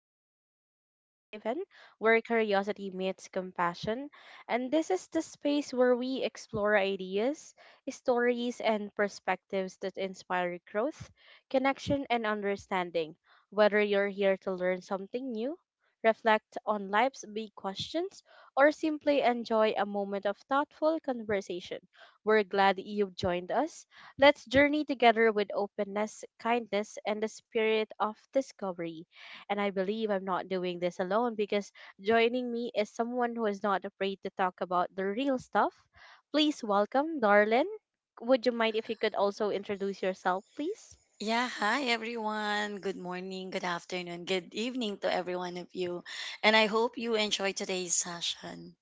Welcome to Safe Haven, where curiosity meets compassion. And this is the space where we explore ideas, stories, and perspectives that inspire growth, connection, and understanding. Whether you're here to learn something new, reflect on life's big questions, or simply enjoy a moment of thoughtful conversation, we're glad you've joined us. Let's journey together with openness, kindness, and the spirit of discovery. And I believe I'm not doing this alone because joining me is someone who is not afraid to talk about the real stuff. Please welcome Darlin. Would you mind if you could also introduce yourself, please? Yeah, hi everyone. Good morning, good afternoon, good evening to every one of you. And I hope you enjoy today's session.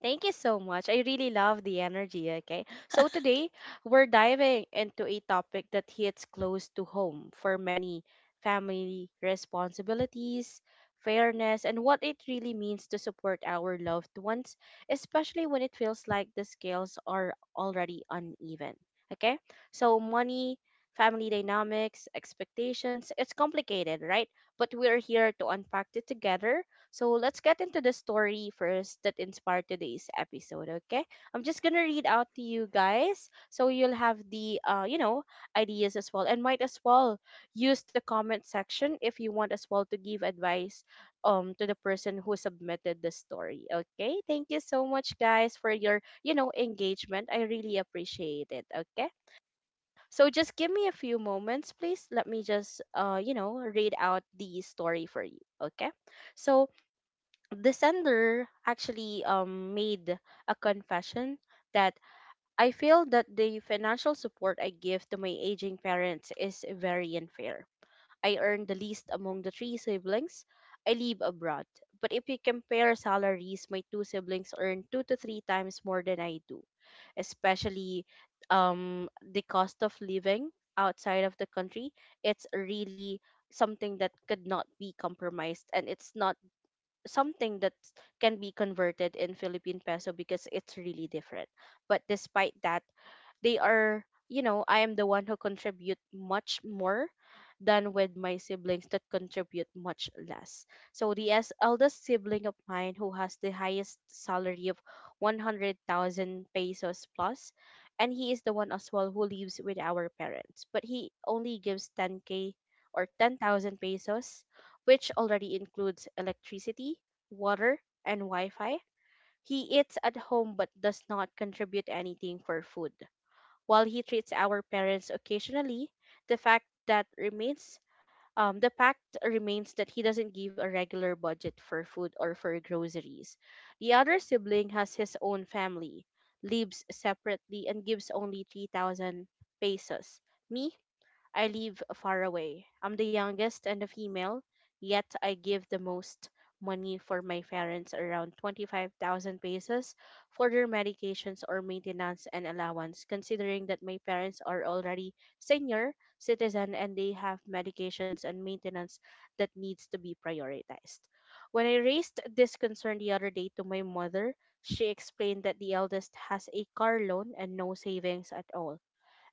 Thank you so much. I really love the energy. Okay. So today we're diving into a topic that hits close to home for many family responsibilities, fairness, and what it really means to support our loved ones, especially when it feels like the scales are already uneven. Okay. So money, family dynamics, expectations, it's complicated, right? But we're here to unpack it together, so let's get into the story first that inspired today's episode, okay? I'm just gonna read out to you guys so you'll have the ideas as well. And might as well use the comment section if you want as well to give advice to the person who submitted the story. Okay? Thank you so much guys for your engagement. I really appreciate it, okay? So just give me a few moments, please. Let me just read out the story for you, okay? So the sender actually made a confession that I feel that the financial support I give to my aging parents is very unfair. I earn the least among the three siblings. I live abroad. But if you compare salaries, my two siblings earn two to three times more than I do, especially um, the cost of living outside of the country. It's really something that could not be compromised, and it's not something that can be converted in Philippine peso because it's really different. But despite that, they are you know I am the one who contribute much more than with my siblings that contribute much less. So the as eldest sibling of mine who has the highest salary of 100,000 pesos plus, and he is the one as well who lives with our parents, but he only gives 10K or 10,000 pesos, which already includes electricity, water, and wi-fi. He eats at home but does not contribute anything for food. While he treats our parents occasionally, the fact that remains the fact remains that he doesn't give a regular budget for food or for groceries. The other sibling has his own family, lives separately, and gives only 3,000 pesos. Me, I live far away. I'm the youngest and a female, yet I give the most money for my parents, around 25,000 pesos for their medications or maintenance and allowance, considering that my parents are already senior citizen and they have medications and maintenance that needs to be prioritized. When I raised this concern the other day to my mother, she explained that the eldest has a car loan and no savings at all,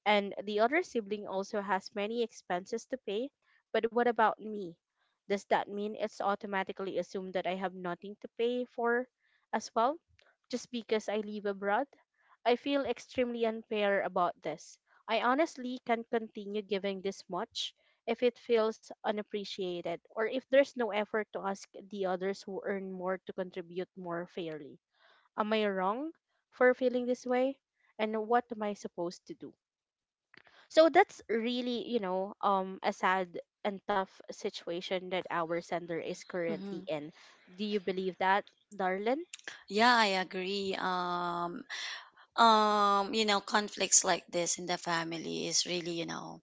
and the other sibling also has many expenses to pay, but what about me? Does that mean it's automatically assumed that I have nothing to pay for as well? Just because I live abroad? I feel extremely unfair about this. I honestly can't continue giving this much if it feels unappreciated, or if there's no effort to ask the others who earn more to contribute more fairly. Am I wrong for feeling this way? And what am I supposed to do? So that's really, a sad and tough situation that our sender is currently Mhm. in. Do you believe that, Darlin? Yeah, I agree. You know, conflicts like this in the family is really, you know,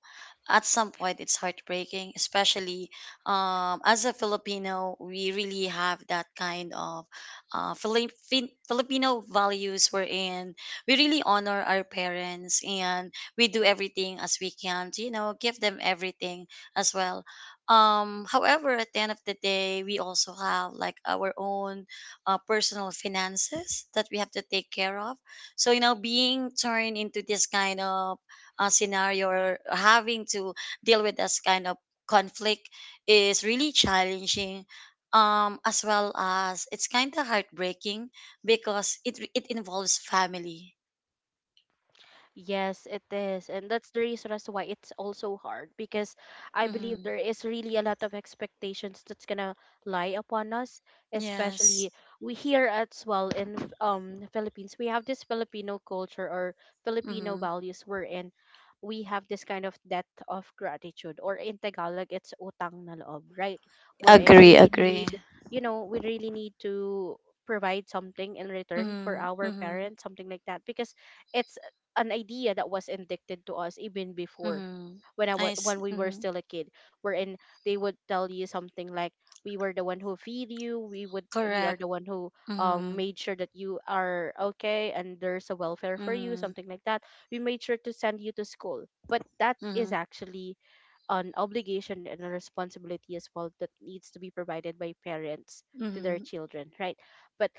at some point it's heartbreaking, especially as a filipino, we really have that kind of filipino values wherein we really honor our parents, and we do everything as we can to, you know, give them everything as well. Um, however, at the end of the day, we also have like our own personal finances that we have to take care of, so, you know, being turned into this kind of scenario or having to deal with this kind of conflict is really challenging. As well as it's kind of heartbreaking because it involves family. Yes, it is. And that's the reason as to why it's also hard because I believe Mm-hmm. there is really a lot of expectations that's gonna lie upon us, Yes. especially we here as well in Philippines. We have this Filipino culture or Filipino Mm-hmm. values wherein we have this kind of debt of gratitude, or in Tagalog it's utang na loob, right? Wherein Agree. we really Agree. need, we really need to provide something in return for Mm-hmm. our Mm-hmm. parents, something like that, because it's an idea that was indicted to us even before Mm-hmm. when I was I when see. we were Mm-hmm. still a kid, wherein they would tell you something like we were the one who feed you, we are Correct. the one who Mm-hmm. made sure that you are okay and there's a welfare for you, Mm-hmm. something like that. We made sure to send you to school. But that Mm-hmm. is actually an obligation and a responsibility as well that needs to be provided by parents to their Mm-hmm. children, right? But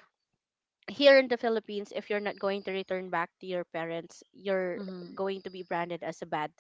here in the Philippines, if you're not going to return back to your parents, you're Mm-hmm. going to be branded as a bad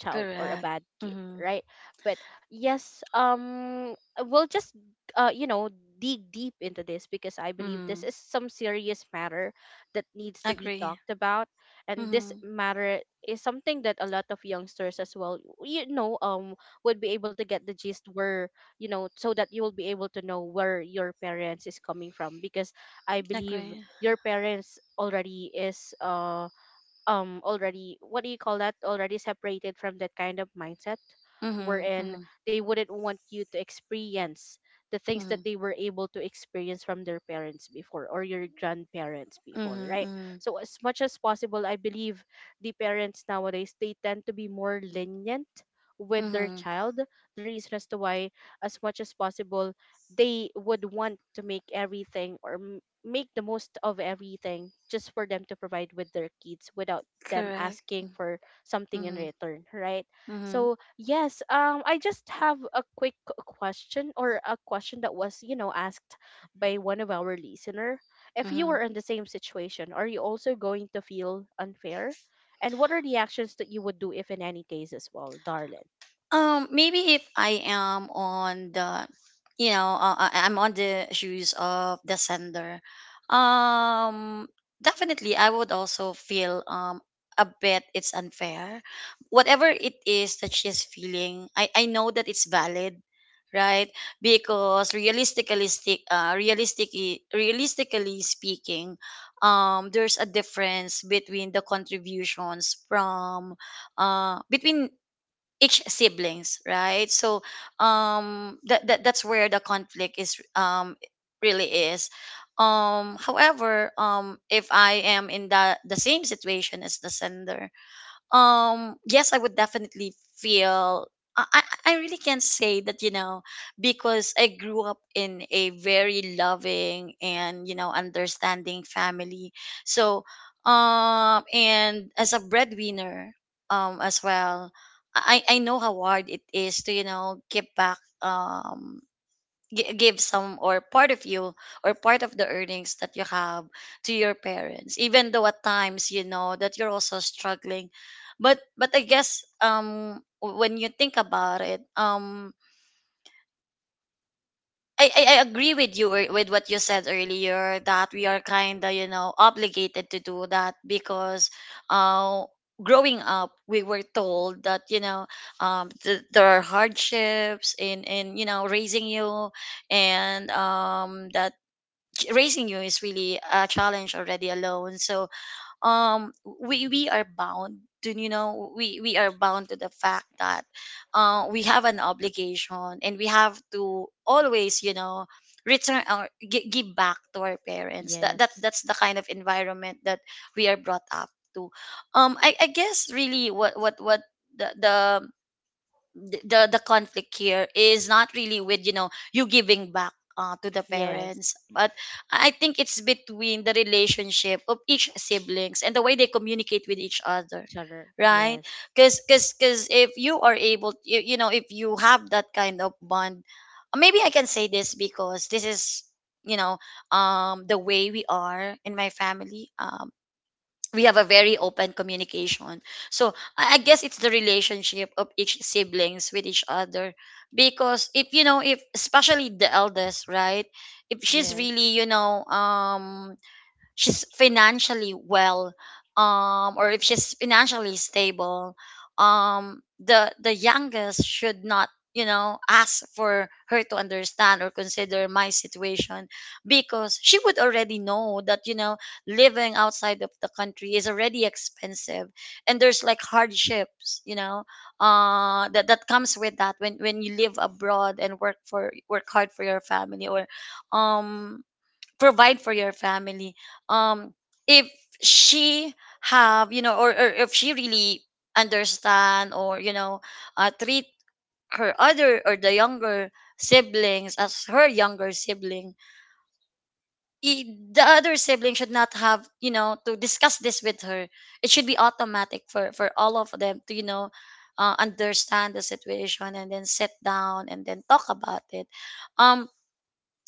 child or a Correct. bad kid, Mm-hmm. right? But yes, we'll just uh, you know, dig deep into this because I believe Mm-hmm. this is some serious matter that needs to be Agree. talked about, and this Mm-hmm. matter is something that a lot of youngsters as well, would be able to get the gist, where, so that you will be able to know where your parents is coming from, because I believe Agree. your parents already is already, what do you call that, already separated from that kind of mindset, Mm-hmm. wherein Mm-hmm. they wouldn't want you to experience the things Mm-hmm. that they were able to experience from their parents before or your grandparents before, Mm-hmm. right? Mm-hmm. So as much as possible, I believe the parents nowadays they tend to be more lenient with their Mm-hmm. child, the reason as to why as much as possible they would want to make everything or make the most of everything just for them to provide with their kids without them Correct. asking for something in Mm-hmm. return, right? Mm-hmm. So yes, I just have a quick question, or a question that was, asked by one of our listener: if you Mm-hmm. were in the same situation, are you also going to feel unfair, and what are the actions that you would do if in any case as well, Darlin? Maybe if I am on the, you know, I'm on the shoes of the sender. Um, definitely, I would also feel a bit it's unfair. Whatever it is that she's feeling, I know that it's valid, right? Because realistically speaking, there's a difference between the contributions from, between each siblings, right? So that that's where the conflict is really is. Um, however, if I am in the same situation as the sender, um, yes, I would definitely feel I, I I really can say that, you know, because I grew up in a very loving and, you know, understanding family. So um, and as a breadwinner as well, i know how hard it is to, you know, give back give some or part of you or part of the earnings that you have to your parents, even though at times you know that you're also struggling. But I guess when you think about it I agree with you with what you said earlier that we are kind of, you know, obligated to do that because uh growing up, we were told that, you know, there are hardships in, you know, raising you, and that raising you is really a challenge already alone. So um we are bound to, you know, we are bound to the fact that we have an obligation, and we have to always, you know, return or give back to our parents. That Yes. that's the kind of environment that we are brought up to. Um, I guess really, what the th- the conflict here is not really with, you know, you giving back to the Yes, parents, but I think it's between the relationship of each siblings and the way they communicate with each other, each other. right? Yes, Because if you are able you know, if you have that kind of bond, maybe I can say this because this is, you know, the way we are in my family we have a very open communication. So I guess it's the relationship of each siblings with each other. Because if you know, if especially the eldest, right? If she's yes, really, you know, she's financially well um, or if she's financially stable um, the youngest should not, you know, ask for her to understand or consider my situation because she would already know that, you know, living outside of the country is already expensive, and there's like hardships, you know, that that comes with that when you live abroad and work for work hard for your family or um provide for your family. Um, if she have, you know, or if she really understand or, you know, treat her other or the younger siblings as her younger sibling, the other sibling should not have, you know, to discuss this with her. It should be automatic for all of them to, you know, understand the situation and then sit down and then talk about it. Um,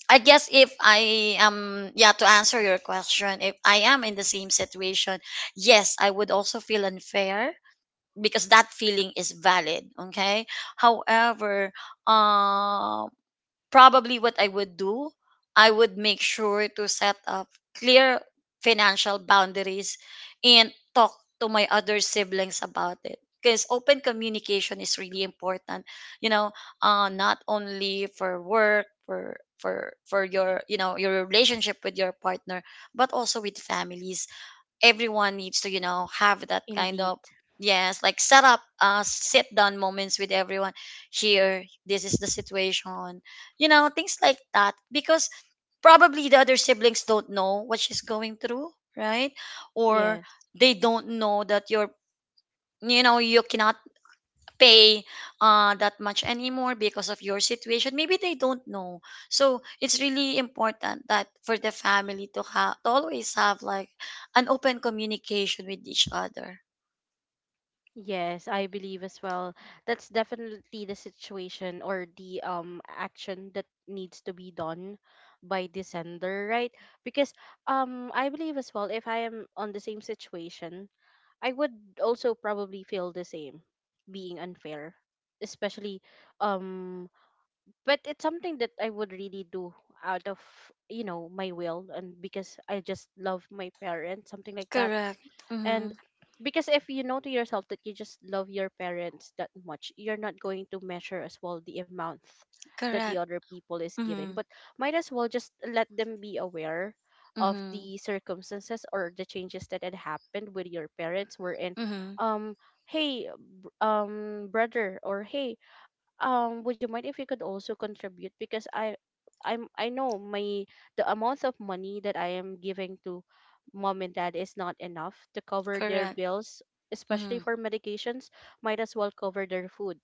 I guess if I am, yeah, to answer your question, if I am in the same situation, yes, I would also feel unfair because that feeling is valid. Okay. However, um, probably what I would do, I would make sure to set up clear financial boundaries and talk to my other siblings about it. Because open communication is really important, you know, not only for work, for your, you know, your relationship with your partner, but also with families. Everyone needs to, you know, have that kind indeed. of, yes, like set up sit down moments with everyone. Here, this is the situation, you know, things like that because probably the other siblings don't know what she's going through, right? Or Yes, they don't know that you're, you know, you cannot pay that much anymore because of your situation. Maybe they don't know. So it's really important that for the family to have to always have like an open communication with each other. yes, I believe as well. That's definitely the situation or the action that needs to be done by the sender, right? Because I believe as well, if I am on the same situation, I would also probably feel the same, being unfair, especially, um but it's something that I would really do out of, my will, and because I just love my parents, something like that. Correct. And Mm-hmm. because if you know to yourself that you just love your parents that much, you're not going to measure as well the amount that the Correct. other people is giving, Mm-hmm. but might as well just let them be aware of Mm-hmm. the circumstances or the changes that had happened with your parents, were in, Mm-hmm. um hey, brother, or hey, would you mind if you could also contribute, because I know my, the amount of money that I am giving to mom and dad is not enough to cover their Correct. bills, especially Mm-hmm. for medications, might as well cover their food,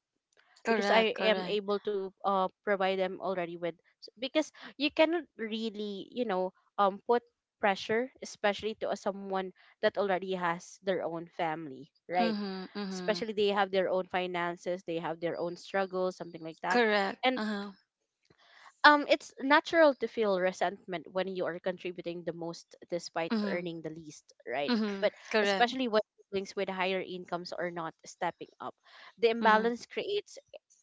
because I Correct. am Correct. able to provide them already with, because you cannot really, put pressure, especially to a someone that already has their own family, right? Mm-hmm. Mm-hmm. Especially they have their own finances, they have their own struggles, something like that. Correct. And Uh-huh. It's natural to feel resentment when you are contributing the most despite Mm-hmm. earning the least, right? Mm-hmm. But Correct. especially when siblings with higher incomes are not stepping up. The Mm-hmm. imbalance creates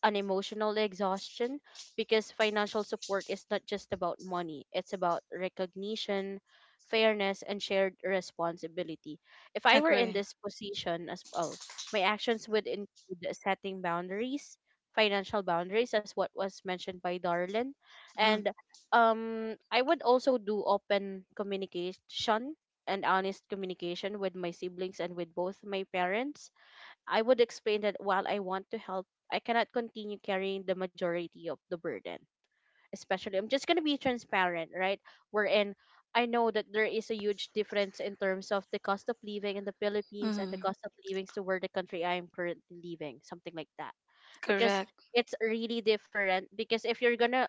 an emotional exhaustion, because financial support is not just about money, it's about recognition, fairness, and shared responsibility. If I were in Agree. this position as well, my actions would include setting boundaries, financial boundaries, as what was mentioned by Darlene. Mm-hmm. And I would also do open communication and honest communication with my siblings and with both my parents. I would explain that while I want to help, I cannot continue carrying the majority of the burden, especially. I'm just going to be transparent, right, wherein I know that there is a huge difference in terms of the cost of living in the Philippines and the Mm-hmm. cost of living to where the country I am currently living, something like that. Because Correct. it's really different, because if you're gonna,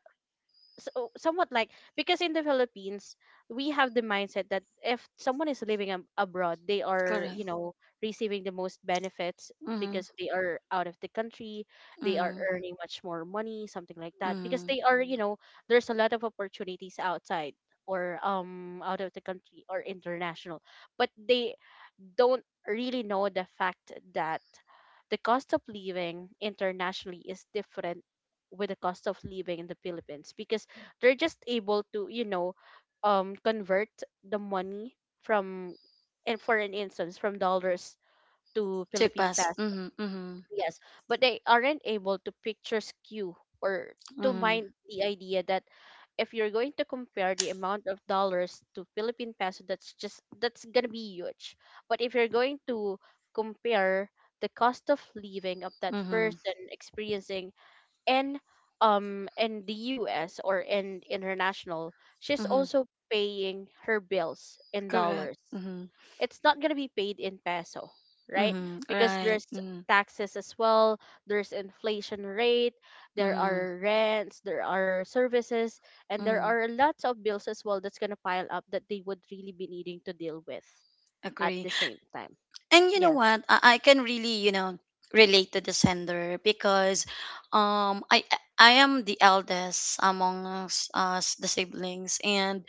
so, oh, somewhat like, because in the Philippines we have the mindset that if someone is living abroad, they are, Correct. you know, receiving the most benefits Mm-hmm. because they are out of the country, they are Mm-hmm. earning much more money, something like that, because Mm-hmm. they are, you know, there's a lot of opportunities outside, or out of the country or international. But they don't really know the fact that the cost of living internationally is different with the cost of living in the Philippines, because they're just able to, convert the money from, and for an instance, from dollars to To Philippine pass. peso. Mhm. Mhm. Yes, but they aren't able to picture skew or to Mhm. mind the idea that if you're going to compare the amount of dollars to Philippine peso, that's just, that's gonna be huge. But if you're going to compare the cost of living of that Mhm. person experiencing in in the US, or in international, she's Mhm. also paying her bills in Correct. dollars. Mhm. It's not going to be paid in peso, right? Mhm. Because Right. there's Mhm. taxes as well, there's inflation rate, there Mhm. are rents, there are services, and there Mhm. are lots of bills as well that's going to pile up that they would really be needing to deal with at Agree. the same time. And you know Yes. what? I can really, you know, relate to the sender because um I I am the eldest amongst us the siblings, and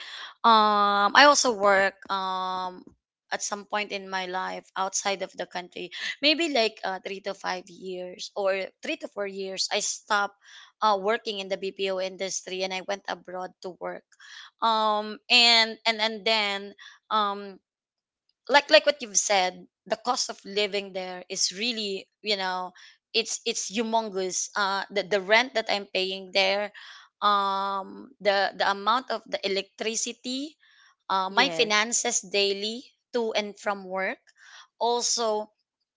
I also work at some point in my life outside of the country, maybe like 3 to 5 years or 3 to 4 years I stopped working in the bpo industry and I went abroad to work. Um, and then um, like what you've said, the cost of living there is really, you know, it's humongous. Uh, the rent that I'm paying there um, the amount of the electricity, my Yes, finances daily to and from work, also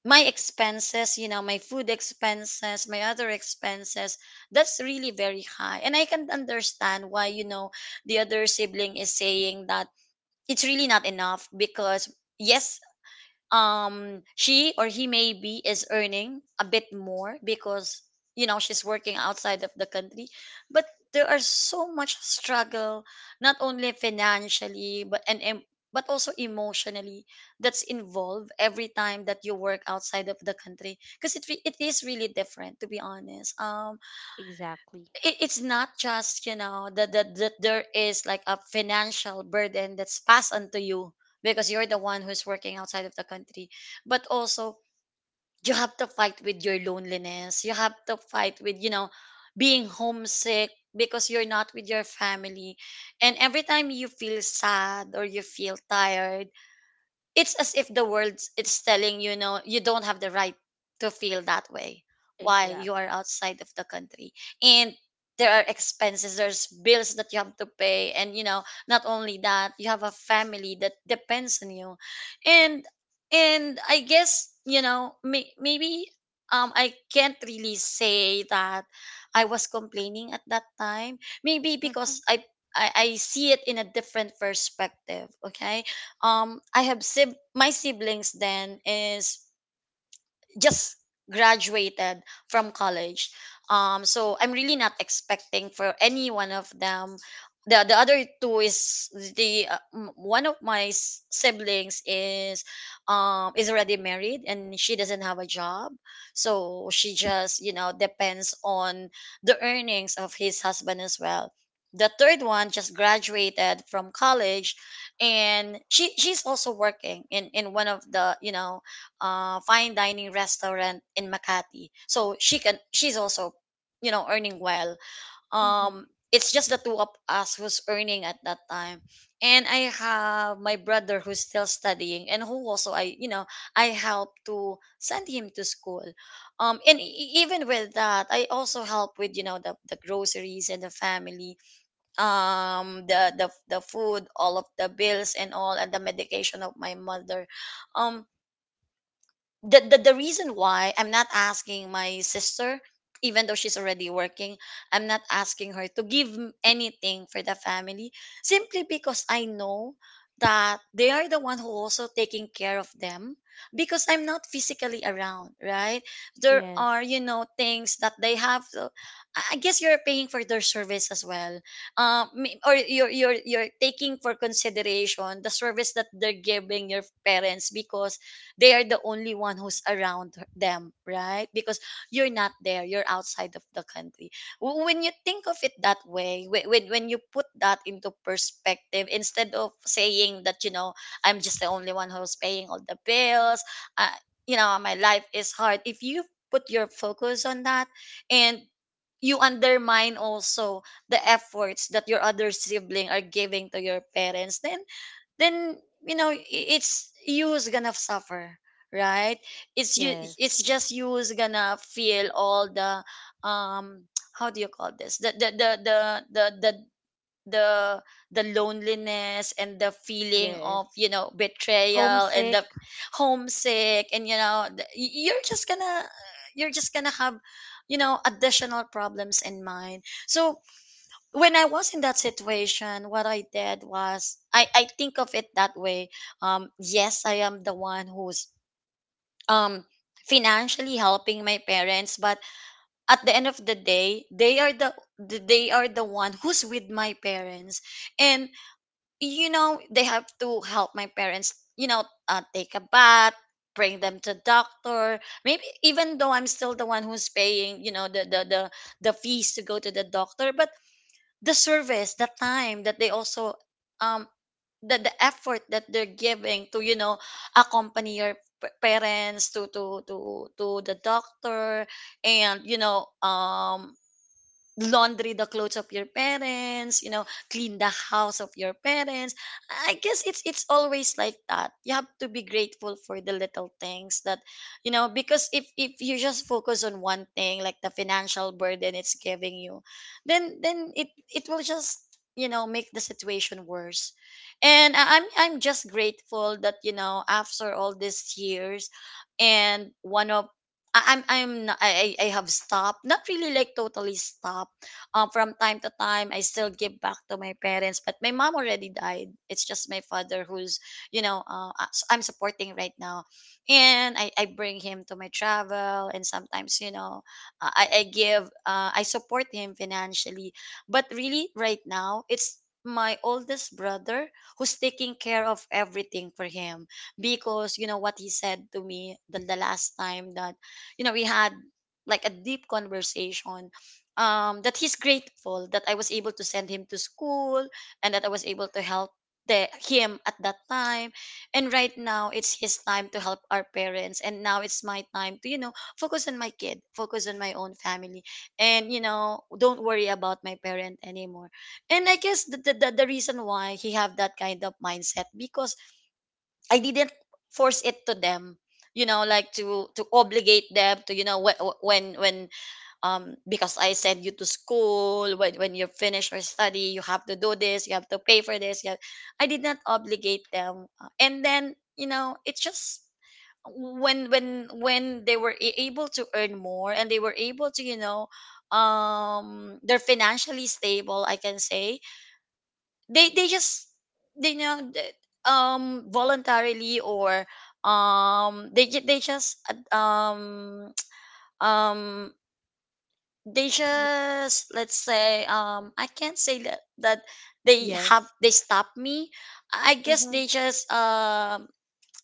my expenses, you know, my food expenses, my other expenses, that's really very high. And I can understand why, you know, the other sibling is saying that it's really not enough because yes, she or he maybe is earning a bit more because, you know, she's working outside of the country, but there are so much struggle, not only financially, but and, em but also emotionally, that's involved every time that you work outside of the country because it is really different, to be honest. Um, exactly. it, it's not just, you know, that there is like a financial burden that's passed onto you because you're the one who's working outside of the country, but also you have to fight with your loneliness, you have to fight with, you know, being homesick because you're not with your family. And every time you feel sad or you feel tired, it's as if the world it's telling, you know, you don't have the right to feel that way. Why Exact. you are outside of the country? And there are expenses, there's bills that you have to pay. And, you know, not only that, you have a family that depends on you. and and I guess, you know, maybe I can't really say that I was complaining at that time, maybe Mhm. because I see it in a different perspective. Okay, I have my siblings then is just graduated from college. Um, so I'm really not expecting for any one of them. The other two is the one of my siblings is already married and she doesn't have a job, so she just, you know, depends on the earnings of his husband as well. The third one just graduated from college, and she's also working in one of the, you know, fine dining restaurant in Makati. So she can she's also, you know, earning well. Mhm. It's just the two of us who's earning at that time, and I have my brother who's still studying and who also I, you know, I help to send him to school. And even with that, I also help with, you know, the groceries and the family, the food, all of the bills and all, and the medication of my mother. Um, the reason why I'm not asking my sister, even though she's already working, I'm not asking her to give anything for the family, simply because I know that they are the one who also taking care of them because I'm not physically around, right? There are, you Yes. know, things that they have to, I guess you're paying for their service as well. Or you're taking for consideration the service that they're giving your parents because they are the only one who's around them, right? Because you're not there, you're outside of the country. W- When you think of it that way whe- when you put that into perspective instead of saying that, you know, I'm just the only one who's paying all the bills, uh, you know, my life is hard. If you put your focus on that and you undermine also the efforts that your other sibling are giving to your parents, then then you know, it's you who's gonna suffer, right? It's you, Yes. it's just you who's gonna feel all the um how do you call this, the, the the the loneliness and the feeling of, Yes. you know, betrayal and Homesick. the homesick and you know you're just gonna have, you know, additional problems in mind. So when I was in that situation, what I did was I think of it that way. Yes, I am the one who's um financially helping my parents, but at the end of the day, they are the they are the one who's with my parents, and you know they have to help my parents. You know, take a bath, bring them to doctor. Maybe even though I'm still the one who's paying, you know, the fees to go to the doctor, but the service, the time that they also um the effort that they're giving to, you know, accompany your parents to the doctor and you know, um, laundry the clothes of your parents, you know, clean the house of your parents. I guess it's always like that, you have to be grateful for the little things that, you know, because if you just focus on one thing like the financial burden it's giving you, then it will just, you know, make the situation worse. And I'm just grateful that, you know, after all these years and one of I have stopped, not really like totally stop. Um, from time to time I still give back to my parents, but my mom already died, it's just my father who's, you know, I'm supporting right now. And I bring him to my travel and sometimes, you know, I give, I support him financially. But really right now it's my oldest brother who's taking care of everything for him, because you know what he said to me the last time that, you know, we had like a deep conversation. Um, that he's grateful that I was able to send him to school and that I was able to help him at that time. And right now, it's his time to help our parents. And now it's my time to, you know, focus on my kid, focus on my own family, and, you know, don't worry about my parent anymore. And I guess the reason why he have that kind of mindset, because I didn't force it to them, you know, like to obligate them to, you know, wh- wh- when because I send you to school, when you finish your study, you have to do this, you have to pay for this. You have, I did not obligate them. And then, you know, it's just when they were able to earn more and they were able to, you know, um, they're financially stable I can say. They just, they know that, um, voluntarily or um they just, uh, um um they y- just, let's say, um, I can't say that they have, Yes. they stop me. I guess Mm-hmm. they just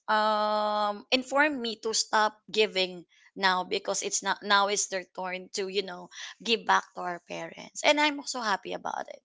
inform me to stop giving now, because it's not, now it's their turn to, you know, give back to our parents, and I'm also happy about it.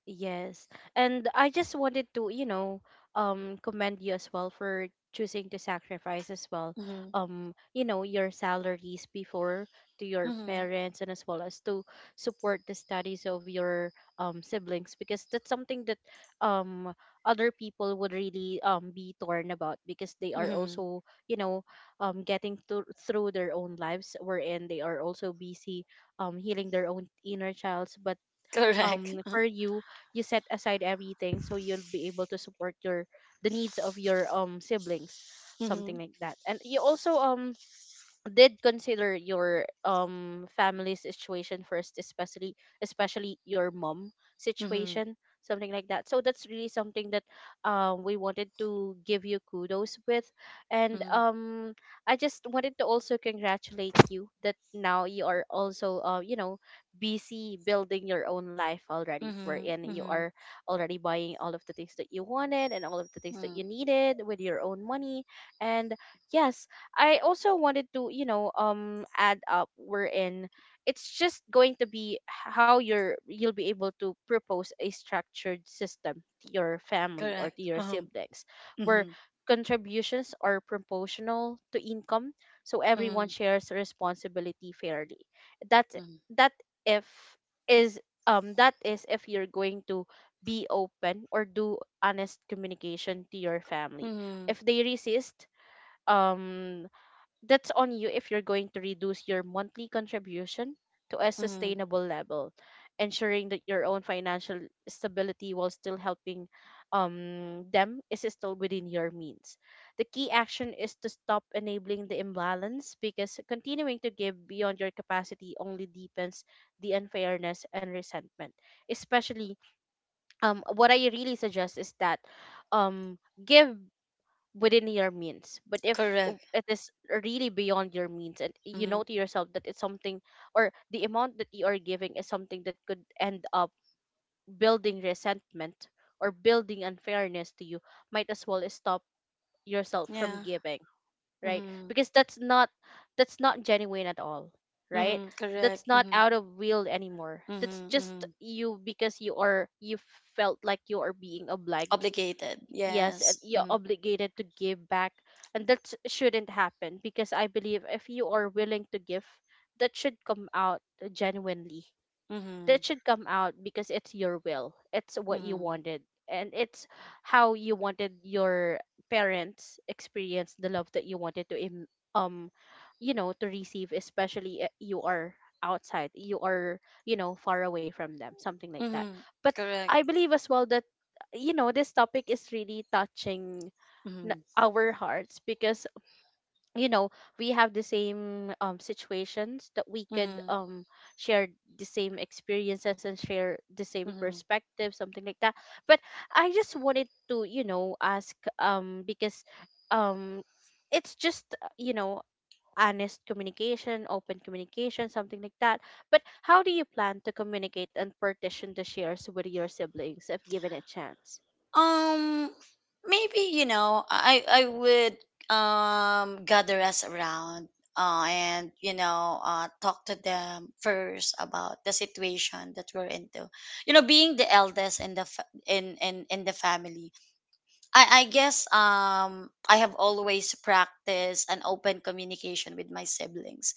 Yes. And I just wanted to, you know, commend you as well for choosing to sacrifice as well, Mm-hmm. You know, your salaries before, to your Mm-hmm. parents, and as well as to support the studies of your siblings, because that's something that um other people would really be torn about, because they are Mm-hmm. also, you know, getting to, through their own lives, wherein they are also busy healing their own inner childs. But Correct. For you, you set aside everything so you'll be able to support your, the needs of your siblings, mm-hmm. something like that. And you also did consider your family situation first, especially, especially your mom Mm-hmm. situation, something like that. So that's really something that we wanted to give you kudos with. And Mm-hmm. I just wanted to also congratulate you that now you are also, you know, busy building your own life already, Mm-hmm. wherein you Mm-hmm. are already buying all of the things that you wanted and all of the things that you Mm. needed with your own money. And yes, I also wanted to, you know, add up wherein it's just going to be how you're, you'll be able to propose a structured system to your family or Correct. to your siblings, where Mm-hmm. contributions are proportional to income, so everyone Mm-hmm. shares responsibility fairly. That Mm-hmm. that if is that is if you're going to be open or do honest communication to your family. Mm-hmm. If they resist, um that's on you. If you're going to reduce your monthly contribution to a Mm-hmm. sustainable level, ensuring that your own financial stability while still helping, them is still within your means. The key action is to stop enabling the imbalance, because continuing to give beyond your capacity only deepens the unfairness and resentment. Especially, what I really suggest is that, um, give within your means. But if Correct. it is really beyond your means, and you know Mhm. to yourself that it's something, or the amount that you are giving is something that could end up building resentment or building unfairness to you, might as well stop yourself from Yeah. giving, right? Mm-hmm. Because that's not, that's not genuine at all, right? Mm-hmm. Correct. That's not Mm-hmm. out of will anymore. That's Mm-hmm. just Mm-hmm. you, because you are, you felt like you are being obliged. Obligated. Yes, and Yes. you're Mm-hmm. obligated to give back. And that shouldn't happen, because I believe if you are willing to give, that should come out genuinely. Mm-hmm. That should come out because it's your will, it's what you Mm-hmm. wanted, and it's how you wanted your parents experience the love that you wanted to um you know, to receive, especially, you are outside, you are, you know, far away from them, something like that. Mm-hmm. But Correct. I believe as well that, you know, this topic is really touching Mm-hmm. our hearts, because, you know, we have the same situations that we could Mm-hmm. Share, the same experiences and share the same Mm-hmm. perspective, something like that. But I just wanted to, you know, ask, because um it's just, you know, honest communication, open communication, something like that. But how do you plan to communicate and partition the shares with your siblings if given a chance? Um, maybe, you know, I would gather us around. And you know, talk to them first about the situation that we're into, you know, being the eldest in the fa- in the family. I guess, um, I have always practiced an open communication with my siblings,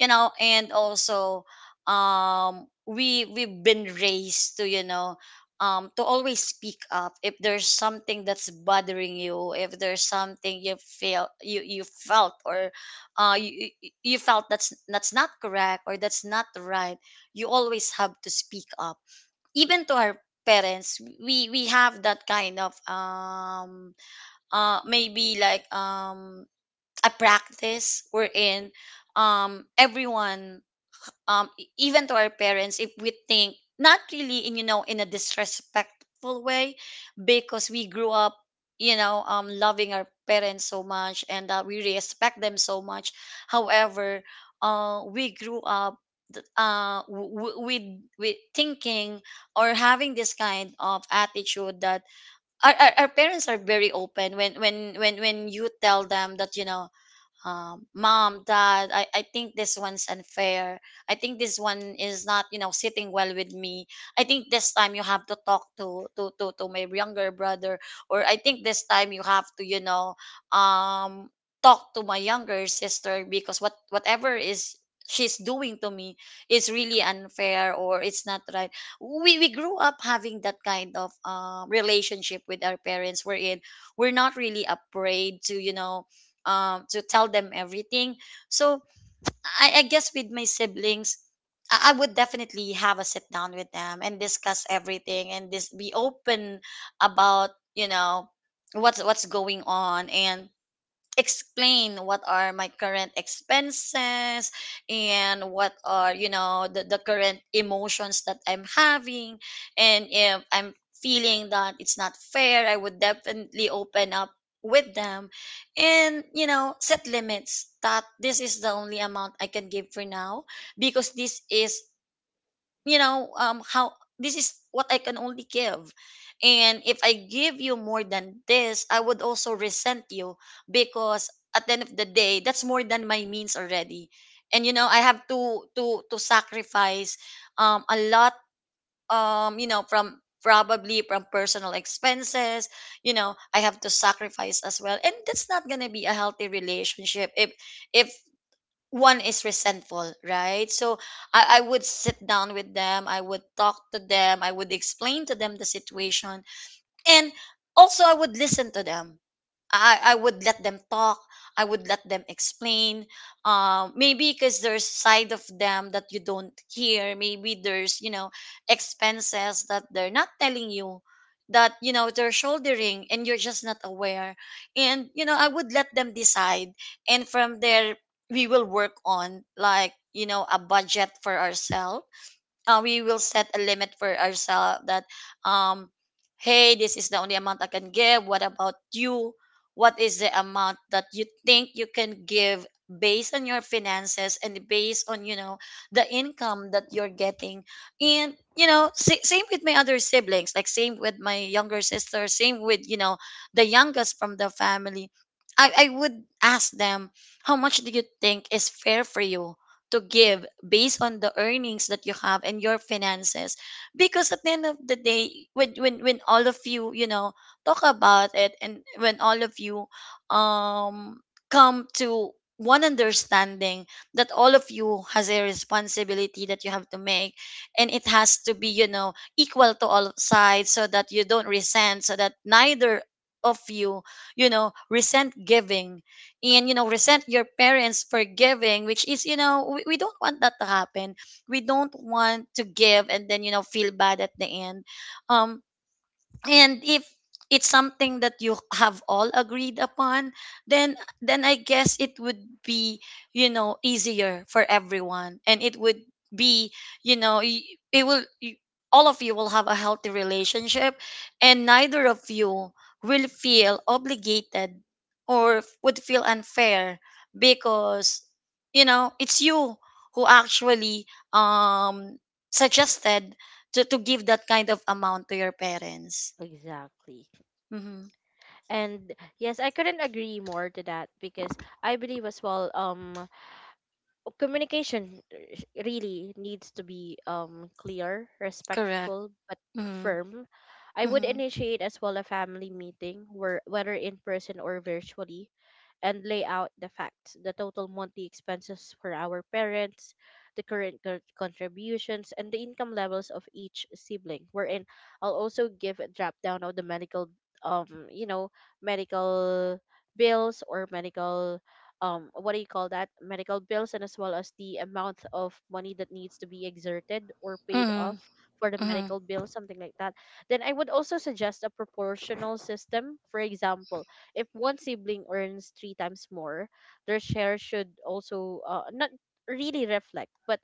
you know, and also, um, we've been raised to, you know, um, to always speak up if there's something that's bothering you, if there's something you feel you felt, or you felt that's not correct or that's not right, you always have to speak up. Even to our parents, we have that kind of um, maybe like um, a practice wherein, um, everyone, um, even to our parents if we think, not really in, you know, in a disrespectful way, because we grew up, you know, um, loving our parents so much and that we respect them so much. However, we grew up th- uh w- with with thinking or having this kind of attitude that our parents are very open when you tell them that, you know, mom, dad, I think this one's unfair. I think this one is not, you know, sitting well with me. I think this time you have to talk to my younger brother, or I think this time you have to, you know, um, talk to my younger sister, because whatever is she's doing to me is really unfair or it's not right. We grew up having that kind of, relationship with our parents. We're in. We're not really afraid to, you know, to tell them everything. So I guess with my siblings, I would definitely have a sit down with them and discuss everything and this be open about, you know, what's going on, and explain what are my current expenses and what are, you know, the current emotions that I'm having, and if I'm feeling that it's not fair, I would definitely open up with them, and you know, set limits that this is the only amount I can give for now, because this is, you know, um, how, this is what I can only give, and if I give you more than this, I would also resent you, because at the end of the day that's more than my means already, and you know I have to sacrifice a lot, um, you know, from probably from personal expenses, you know, I have to sacrifice as well, and that's not going to be a healthy relationship if if one is resentful, right? So I would sit down with them, I would talk to them, I would explain to them the situation, and also I would listen to them, i would let them talk, I would let them explain. Um, maybe because there's side of them that you don't hear, maybe there's, you know, expenses that they're not telling you, that, you know, they're shouldering and you're just not aware, and you know I would let them decide, and from there we will work on like, you know, a budget for ourselves. We will set a limit for ourselves that, um, hey, this is the only amount I can give, what about you? What is the amount that you think you can give based on your finances and based on, you know, the income that you're getting. And you know, same with my other siblings, like same with my younger sister, same with, you know, the youngest from the family. I would ask them, how much do you think is fair for you to give based on the earnings that you have and your finances? Because at the end of the day, when when all of you, you know, talk about it, and when all of you, um, come to one understanding that all of you has a responsibility that you have to make, and it has to be, you know, equal to all sides, so that you don't resent, so that neither of you, you know, resent giving and you know resent your parents for giving, which is, you know, we don't want that to happen, we don't want to give and then, you know, feel bad at the end. Um, and if it's something that you have all agreed upon, then I guess it would be, you know, easier for everyone, and it would be, you know, it will y- all of you will have A healthy relationship, and neither of you will feel obligated or would feel unfair, because it's you who actually um suggested to give that kind of amount to your parents. Exactly. Mm-hmm. And yes, I couldn't agree more to that, because I believe as well, communication, really needs to be clear, Correct. respectful, but Mm-hmm. firm. I would Mm-hmm. initiate as well a family meeting, where, whether in person or virtually, and lay out the facts, the total monthly expenses for our parents, the current contributions, and the income levels of each sibling. Wherein I'll also give a drop down of the medical, you know, medical bills or medical, what do you call that, medical bills, and as well as the amount of money that needs to be exerted or paid Mm-hmm. off for the Mm-hmm. medical bill, something like that. Then I would also suggest a proportional system. For example, if one sibling earns three times more, their share should also, not really reflect, but,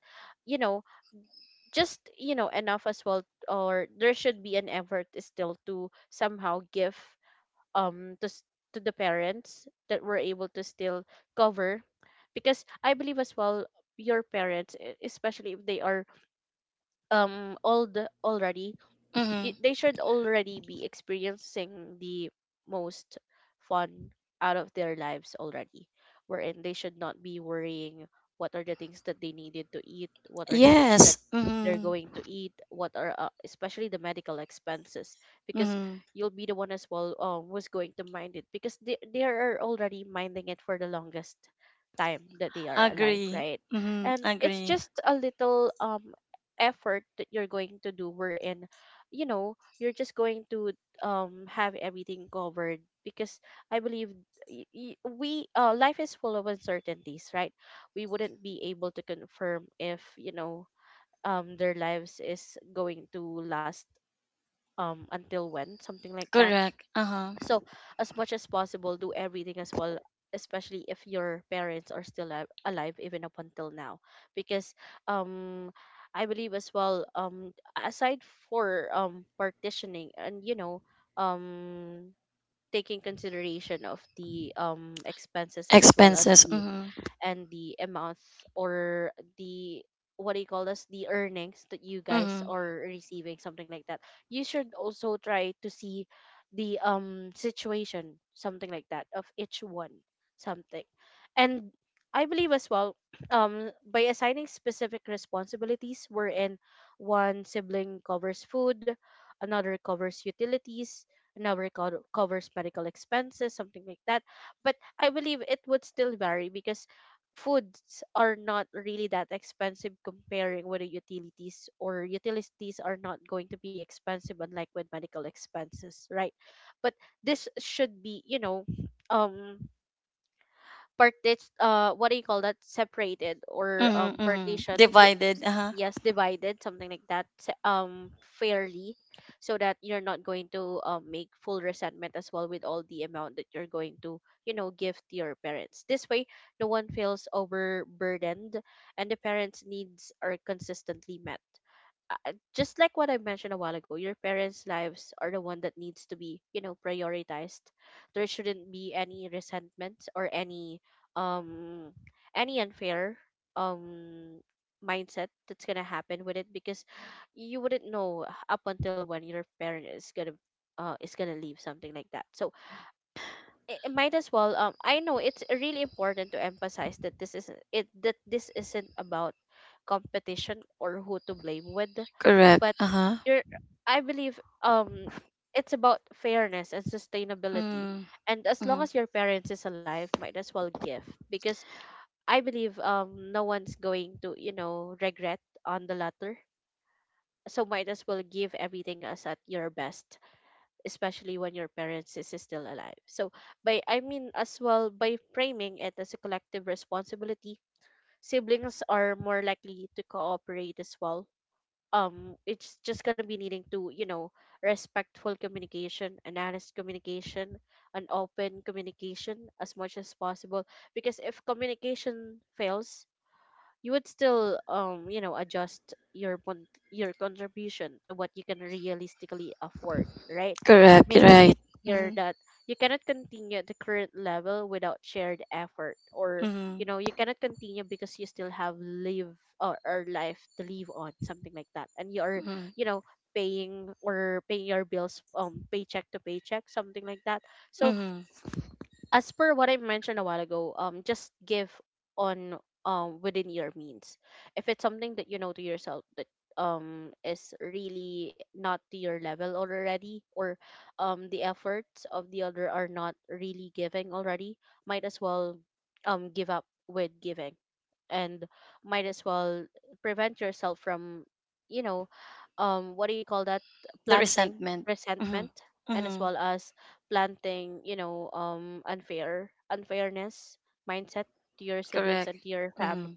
you know, just, you know, enough as well, or there should be an effort still to somehow give um to s- to the parents that were able to still cover, because I believe as well your parents, especially if they are old already, Mm-hmm. they should already be experiencing the most fun out of their lives already, wherein they should not be worrying what are the things that they needed to eat, what are the things Yes. that they're Mm-hmm. going to eat, what are, especially the medical expenses, because Mm-hmm. you'll be the one as well, who's going to mind it, because they are already minding it for the longest time that they are alive, Agree. right? Mm-hmm. And it's Agree. just a little effort that you're going to do, wherein, you know, you're just going to have everything covered, because I believe, we, life is full of uncertainties, right? We wouldn't be able to confirm if, you know, their lives is going to last until when, something like that. Correct. Uh-huh. So, as much as possible, do everything as well, especially if your parents are still alive, alive even up until now. Because, um, I believe as well, aside for partitioning and, you know, um, taking consideration of the expenses, and as well as Expenses. the, Mm-hmm. and the amounts, or the, what do you call this, the earnings that you guys Mm-hmm. are receiving, something like that. You should also try to see the situation, something like that, of each one, something. And I believe as well by assigning specific responsibilities, wherein one sibling covers food, another covers utilities, another covers medical expenses, something like that. But I believe it would still vary, because foods are not really that expensive comparing with the utilities, or utilities are not going to be expensive unlike with medical expenses, right? But this should be, you know, um parted, what do you call that, separated or Mm-hmm. Mm-hmm. partitioned, Divided. Uh-huh. yes, divided, something like that, fairly, so that you're not going to make full resentment as well with all the amount that you're going to, you know, give to your parents. This way, no one feels overburdened, and the parents needs are consistently met. Just like what I mentioned a while ago, your parents' lives are the one that needs to be, you know, prioritized. There shouldn't be any resentment or um any unfair um mindset that's gonna happen with it, because you wouldn't know up until when your parent is gonna, is gonna leave, something like that. So it might as well, I know it's really important to emphasize that this isn't it, that this isn't about competition or who to blame with, Correct. but Uh-huh. you're, I believe, um it's about fairness and sustainability. Mm-hmm. And as long Mm-hmm. as your parents is alive, might as well give, because I believe, no one's going to, you know, regret on the latter. So might as well give everything as at your best, especially when your parents is still alive. So by, I mean as well, by framing it as a collective responsibility, siblings are more likely to cooperate as well. It's just gonna be needing to, you know, respectful communication, and honest communication, an open communication as much as possible. Because if communication fails, you would still adjust your your contribution to what you can realistically afford, right? Correct. You're Making it right. clear Mm-hmm. that you cannot continue at the current level without shared effort, or Mm-hmm. you know, you cannot continue because you still have live or life to live, on something like that, and you are Mm-hmm. you know paying or paying your bills, paycheck to paycheck, something like that. So Mm-hmm. as per what I mentioned a while ago, just give on within your means. If it's something that you know to yourself that is really not to your level already, or the efforts of the other are not really giving already, might as well give up with giving, and might as well prevent yourself from you know, what do you call that, The planting resentment. resentment, Mm-hmm. and as Mm-hmm. well as planting, you know, unfairness mindset to your siblings Correct. and to your family, Mm-hmm.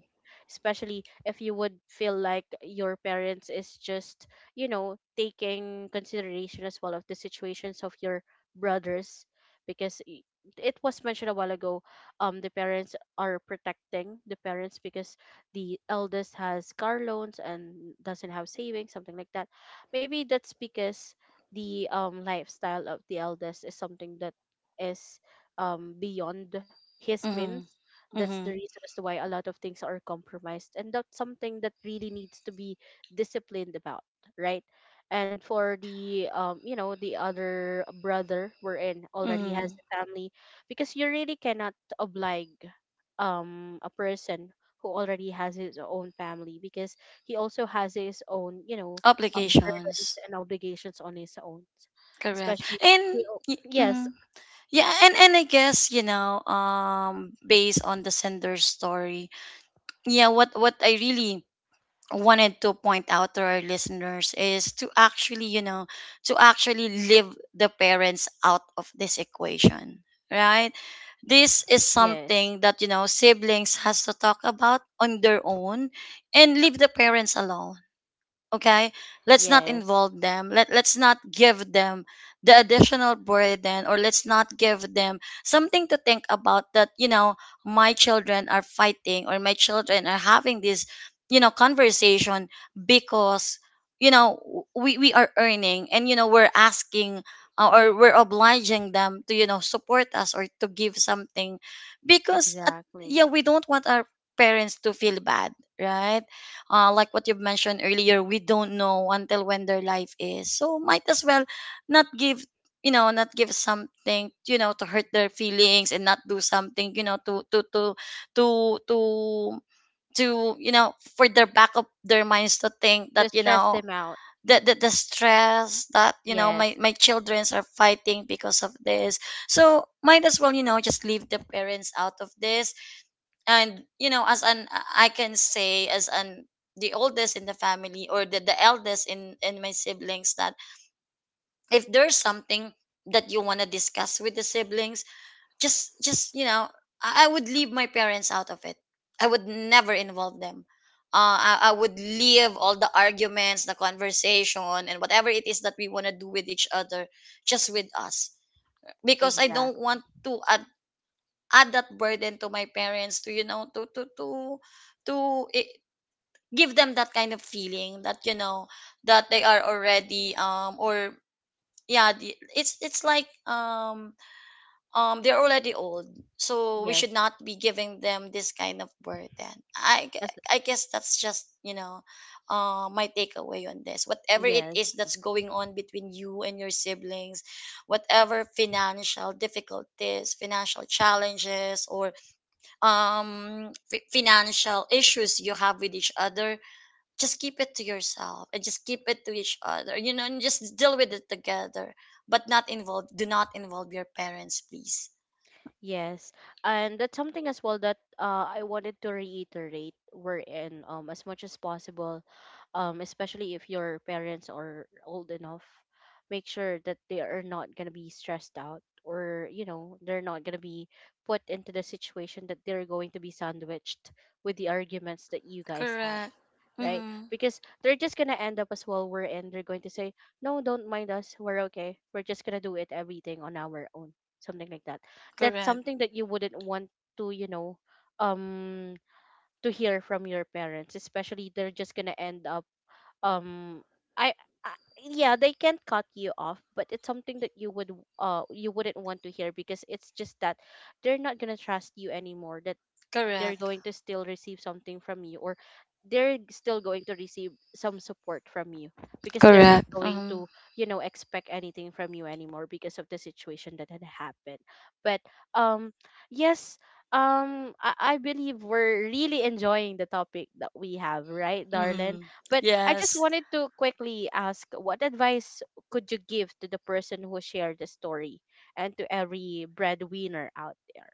especially if you would feel like your parents is just you know taking consideration as well of the situations of your brothers. Because it was mentioned a while ago, the parents are protecting the parents because the eldest has car loans and doesn't have savings, something like that. Maybe that's because the lifestyle of the eldest is something that is beyond his means. Mm-hmm. That's the Mm-hmm. reason as to why a lot of things are compromised, and that's something that really needs to be disciplined about, right? And for the you know the other brother we're in, already has Mm-hmm. a family. Because you really cannot oblige a person who already has his own family, because he also has his own you know burdens Obligations. and obligations on his own. Correct. Especially And you know, yes mhm. Yeah, and I guess, based on the sender's story, yeah, what I really wanted to point out to our listeners is to actually, to actually leave the parents out of this equation, right? This is yes something that you know siblings has to talk about on their own, and leave the parents alone, okay? Let's not yes involve them. Let's not give them the additional burden, or let's not give them something to think about, that you know my children are fighting, or my children are having this, you know, conversation, because you know we are earning, and you know we're asking or we're obliging them to, you know, support us or to give something, because exactly, yeah, we don't want our parents to feel bad, right? Like what you've mentioned earlier, we don't know until when their life is. So might as well not give, you know, not give something, you know, to hurt their feelings, and not do something, you know, to to to you know, for their back of their minds to think to that you stress know them out. The stress that you know my Yes, my childrens are fighting because of this. So might as well, you know, just leave the parents out of this. And you know, as an, I can say as an, the oldest in the family, or the eldest in my siblings, that if there's something that you want to discuss with the siblings, just you know, I would leave my parents out of it. I would never involve them. I would leave all the arguments, the conversation, and whatever it is that we want to do with each other just with us, because I don't exactly. want to, add that burden to my parents, to you know, to it, give them that kind of feeling that you know that they are already or yeah, it's like they're already old, so we Yes, should not be giving them this kind of burden. i gue- that's, i guess that's just you know my takeaway on this. Whatever it yes, is that's going on between you and your siblings, whatever financial difficulties, financial challenges, or financial issues you have with each other, just keep it to yourself and just keep it to each other, you know, and just deal with it together. But not involve, do not involve your parents, please. yes. And that's something as well that I wanted to reiterate. We're in, as much as possible, especially if your parents are old enough, make sure that they are not gonna be stressed out, or you know they're not gonna be put into the situation that they're going to be sandwiched with the arguments that you guys have, Correct. right? Mm-hmm. Because they're just gonna end up as well we're in. They're going to say, no, don't mind us, we're okay, we're just gonna do it everything on our own. Something like that. That's Correct. something that you wouldn't want to, you know, um to hear from your parents, especially they're just gonna end up um I, I yeah, they can't cut you off, but it's something that you would you wouldn't want to hear, because it's just that they're not gonna trust you anymore. That they're Correct. going to still receive something from you, or they're still going to receive some support from you, because they're not Correct. going to you know expect anything from you anymore because of the situation that had happened. But um yes, I believe we're really enjoying the topic that we have, right darlin? Mm-hmm. But I just Yes. wanted to quickly ask, what advice could you give to the person who shared the story and to every breadwinner out there?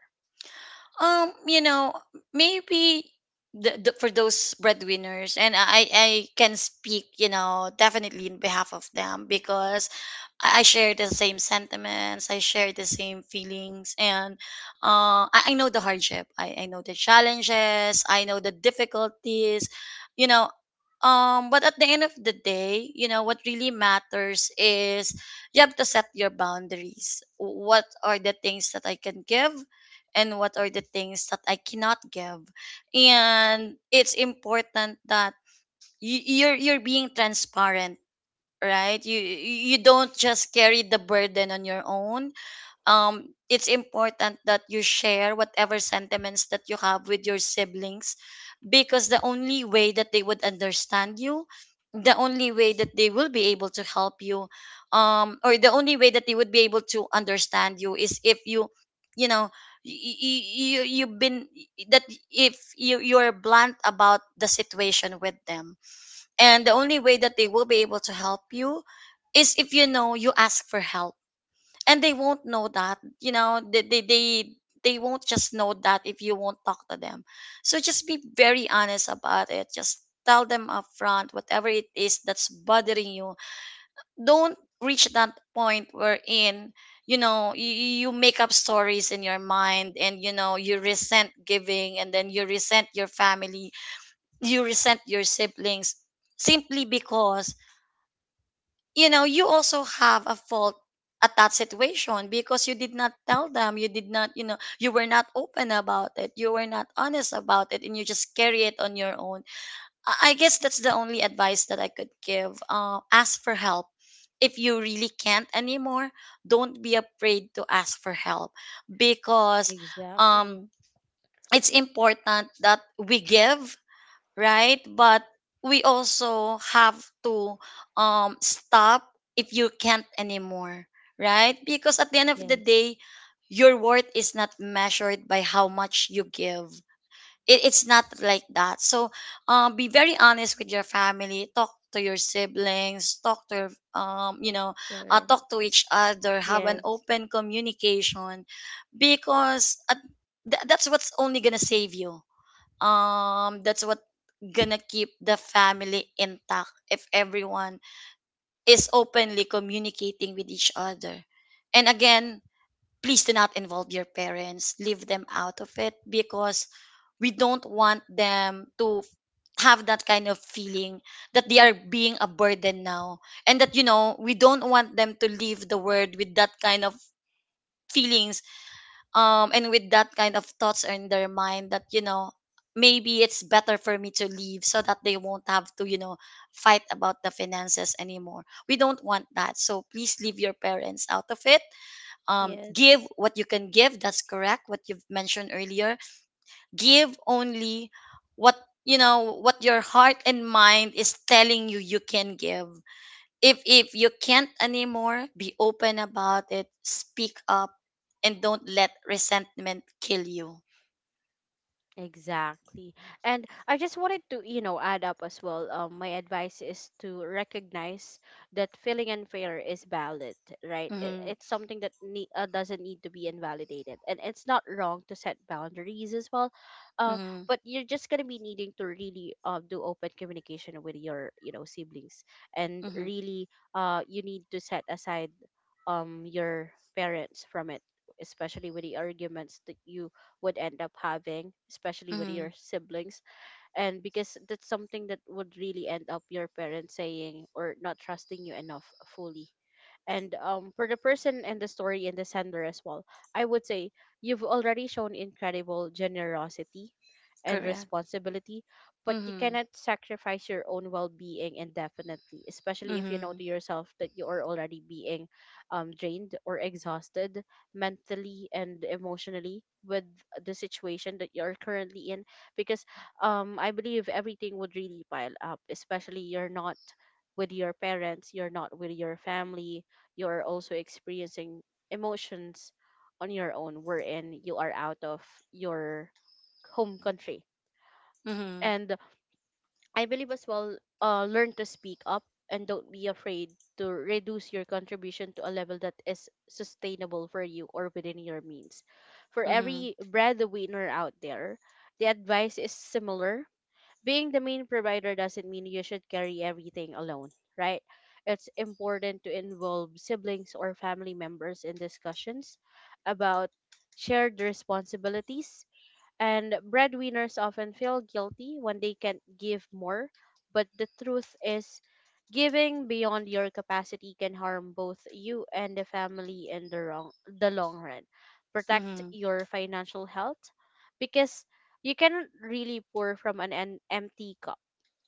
You know, maybe the, for those breadwinners, and I can speak, you know, definitely in behalf of them, because I share the same sentiments, I share the same feelings, and I know the hardship, I know the challenges, I know the difficulties, you know. But at the end of the day, you know, what really matters is you have to set your boundaries. What are the things that I can give, and what are the things that I cannot give? And it's important that you're being transparent, right? You don't just carry the burden on your own. It's important that you share whatever sentiments that you have with your siblings, because the only way that they would understand you, the only way that they will be able to help you, or the only way that they would be able to understand you, is if you, you know, you, you you've been, that, if you, you're blunt about the situation with them. And the only way that they will be able to help you is if, you know, you ask for help. And they won't know that, you know, they won't just know that if you won't talk to them. So just be very honest about it, just tell them up front whatever it is that's bothering you. Don't reach that point wherein you know you, you make up stories in your mind, and you know you resent giving, and then you resent your family, you resent your siblings, simply because you know you also have a fault at that situation, because you did not tell them, you did not, you know, you were not open about it, you were not honest about it, and you just carry it on your own. I guess that's the only advice that I could give. Ask for help. If you really can't anymore, don't be afraid to ask for help. Because Exactly. um it's important that we give, right? But we also have to, stop if you can't anymore, right? Because at the end of the Yes. day, your worth is not measured by how much you give. It, it's not like that. So be very honest with your family. Talk to your siblings. Talk to your, um, you know, talk Parents. to each other. Have an Yes, open communication, because at, that's what's only gonna save you, that's what gonna keep the family intact if everyone is openly communicating with each other. And again, please do not involve your parents, leave them out of it, because we don't want them to have that kind of feeling that they are being a burden now, and that you know we don't want them to leave the world with that kind of feelings, and with that kind of thoughts are in their mind, that you know, maybe it's better for me to leave, so that they won't have to, you know, fight about the finances anymore. We don't want that, so please leave your parents out of it. Give yes. what you can give, that's correct what you've mentioned earlier. Give only what you know, what your heart and mind is telling you, you can give. If you can't anymore, be open about it, speak up, and don't let resentment kill you. Exactly. And I just wanted to, you know, add up as well. My advice is to recognize that feeling unfair is valid, right? It, Mm-hmm. it's something that doesn't need to be invalidated. And it's not wrong to set boundaries as well. Uh, Mm-hmm. but you're just going to be needing to really do open communication with your, you know, siblings, and Mm-hmm. really you need to set aside your parents from it, especially with the arguments that you would end up having especially with Mm-hmm. your siblings. And because that's something that would really end up your parents saying or not trusting you enough fully. And for the person and the story and the sender as well, I would say you've already shown incredible generosity and Correct. responsibility, but you Mm-hmm. cannot sacrifice your own well being indefinitely, especially if you know Mm-hmm. to yourself that you are already being drained or exhausted mentally and emotionally with the situation that you're currently in. Because I believe everything would really pile up, especially you're not with your parents, you're not with your family, you're also experiencing emotions on your own, wherein you are out of your home country. Mm-hmm. And I believe as well, learn to speak up and don't be afraid to reduce your contribution to a level that is sustainable for you or within your means. For Mm-hmm. every breadwinner out there, the advice is similar: being the main provider doesn't mean you should carry everything alone, right? It's important to involve siblings or family members in discussions about shared responsibilities. And breadwinners often feel guilty when they can't give more. But the truth is, giving beyond your capacity can harm both you and the family in the, wrong, the long run. Protect Mm-hmm. your financial health, because you cannot really pour from an empty cup,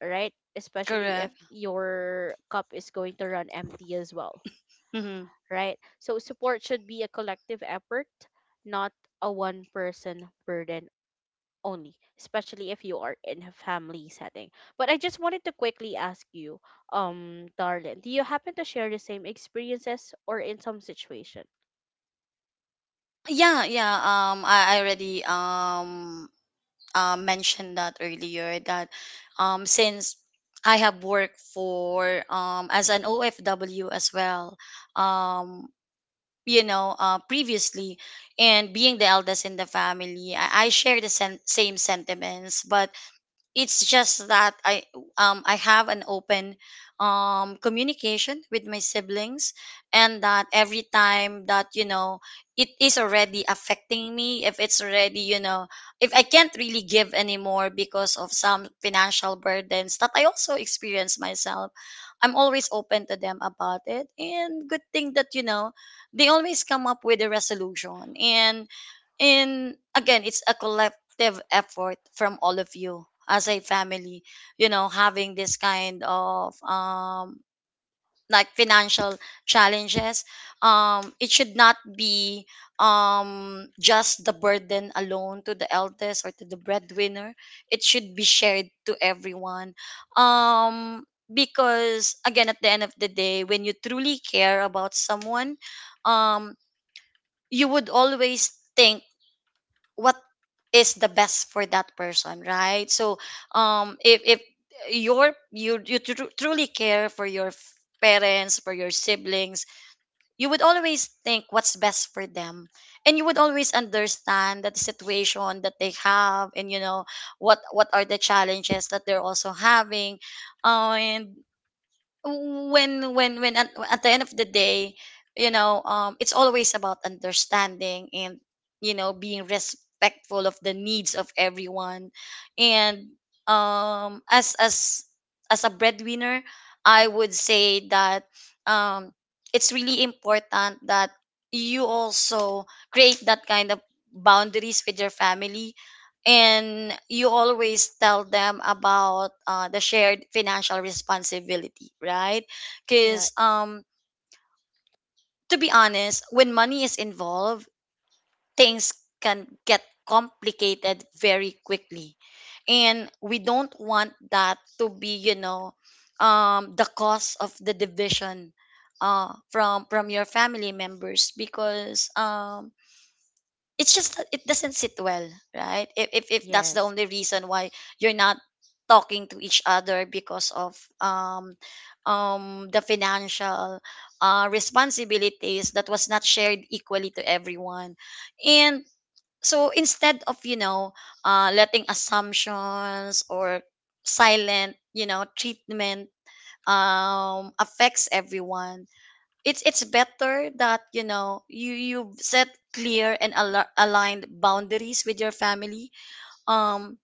right? Especially if Correct. your cup is going to run empty as well, Mm-hmm. right? So support should be a collective effort, not a one person burden only, especially if you are in a family setting. But I just wanted to quickly ask you, Darlin, do you happen to share the same experiences or in some situation? Yeah, yeah, I already mentioned that earlier, that since I have worked for as an ofw as well, um you know, previously, and being the eldest in the family, I share the same sentiments. But it's just that I have an open communication with my siblings, and that every time that you know it is already affecting me, if it's already you know, if I can't really give anymore because of some financial burdens that I also experience myself, I'm always open to them about it. And good thing that you know they always come up with a resolution. And again, it's a collective effort from all of you as a family. You know, having this kind of like financial challenges, it should not be just the burden alone to the eldest or to the breadwinner, it should be shared to everyone. um because again, at the end of the day, when you truly care about someone, um you would always think what is the best for that person, right? So if your, you, truly care for your parents, for your siblings, you would always think what's best for them. And you would always understand that the situation that they have, and you know, what are the challenges that they're also having. And when at the end of the day, you know, it's always about understanding, and you know being respectful of the needs of everyone. And um as as as a breadwinner, I would say that um it's really important that you also create that kind of boundaries with your family, and you always tell them about the shared financial responsibility, right? Right. Because to be honest, when money is involved, things can get complicated very quickly. And we don't want that to be, you know, the cause of the division from your family members. Because it's just that it doesn't sit well, right? If, if that's the Yes. only reason why you're not talking to each other, because of the financial responsibilities that was not shared equally to everyone. And so instead of you know letting assumptions or silent, you know, treatment affects everyone, it's better that you know you you set clear and aligned boundaries with your family. um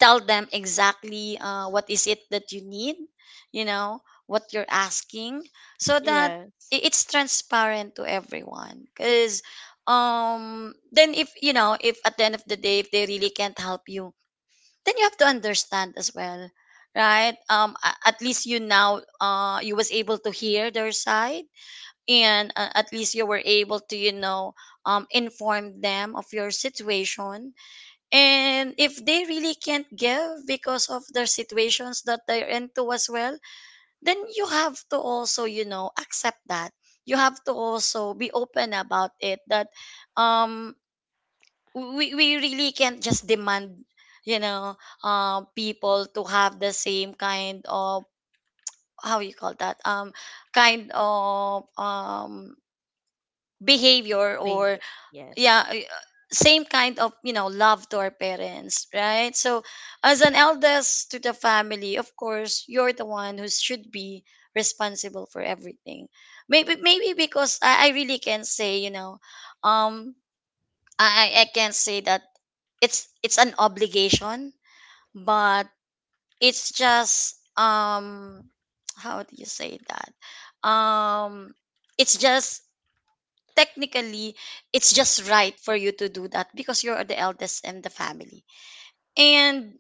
Tell them exactly, what is it that you need, you know what you're asking, so that Yes. It's transparent to everyone. Because then, if you know if at the end of the day, if they really can't help you, then you have to understand as well, right? At least you now, you was able to hear their side. And at least you were able to, inform them of your situation. And if they really can't give because of their situations that they're into as well, then you have to also, accept that. You have to also be open about it that um we really can't just demand, you know people to have the same kind of, how you call that, kind of, behavior, or Maybe. Yes. yeah, same kind of, love to our parents, right? So as an eldest to the family, of course you're the one who should be responsible for everything. Maybe because I really can't say. um I can't say that it's an obligation. But it's just, how do you say that? um it's just, technically, it's just right for you to do that because you're the eldest in the family. And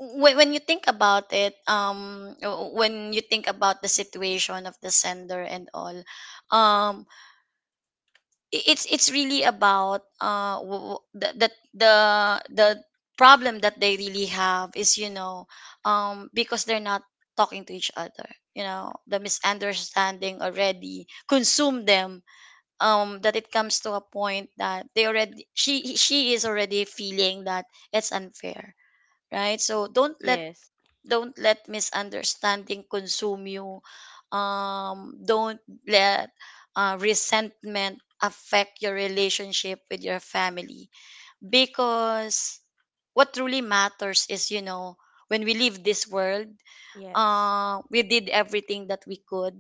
when you think about it, when you think about the situation of the sender and all. um it's really about, the, the problem that they really have is because they're not talking to each other. You know, the misunderstanding already consume them. That it comes to a point that they already, she is already feeling that it's unfair, right? So don't let, Yes. don't let misunderstanding consume you. Don't let resentment affect your relationship with your family, because what truly matters is, you know, when we leave this world, Yes. We did everything that we could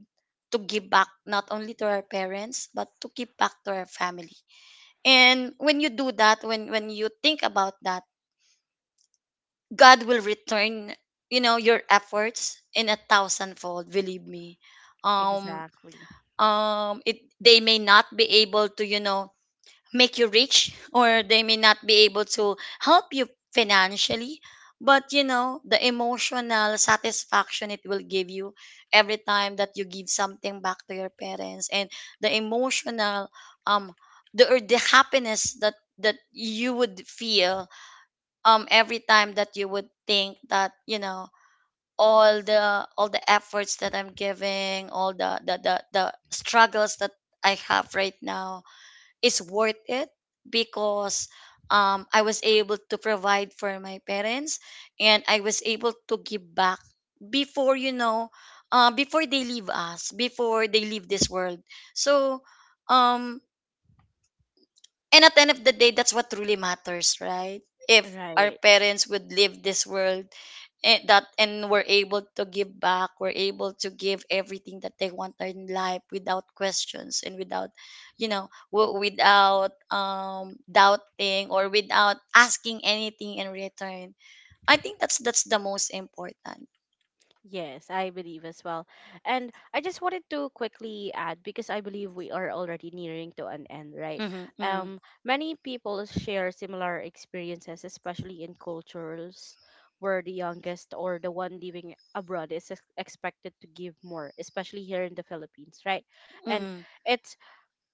to give back, not only to our parents, but to give back to our family. And when you do that, when you think about that, God will return, you know, your efforts in a thousandfold, believe me. um Exactly. It, they may not be able to, make you rich, or they may not be able to help you financially. But you know, the emotional satisfaction it will give you every time that you give something back to your parents, and the emotional, um the, or the happiness that you would feel, every time that you would think that, you know, all the efforts that I'm giving, all the struggles that I have right now, is worth it, because, I was able to provide for my parents, and I was able to give back before, you know, before they leave us, before they leave this world. So um and at the end of the day, that's what truly matters, right? If our Right. parents would leave this world, and we're able to give back, we're able to give everything that they want in life without questions, and without, you know, without doubting, or without asking anything in return. I think that's the most important. Yes, I believe as well. And I just wanted to quickly add because I believe we are already nearing to an end, right? Mm-hmm, mm-hmm, Many people share similar experiences, especially in cultures where the youngest or the one living abroad is expected to give more, especially here in the Philippines, right? And mm-hmm. it's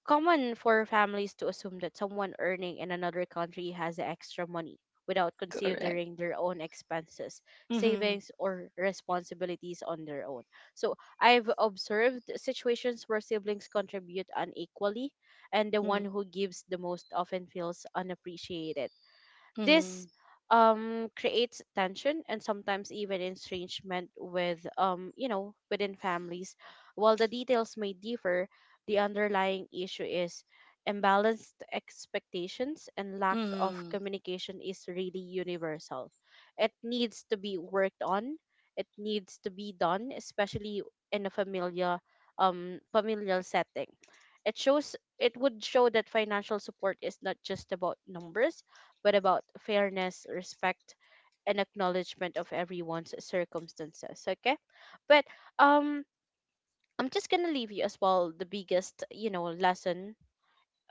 common for families to assume that someone earning in another country has the extra money without Correct. considering their own expenses, Mm-hmm, savings, or responsibilities on their own. So I've observed situations where siblings contribute unequally, and the one mm-hmm, who gives the most often feels unappreciated. mm-hmm, This creates tension and sometimes even estrangement with you know within families. While the details may differ, the underlying issue is imbalanced expectations, and lack of mm-hmm, communication is really universal. It needs to be worked on. It needs to be done, especially in a familiar familial setting. It shows, it would show, that financial support is not just about numbers but about fairness, respect, and acknowledgement of everyone's circumstances. Okay, but um, I'm just gonna leave you as well the biggest you know lesson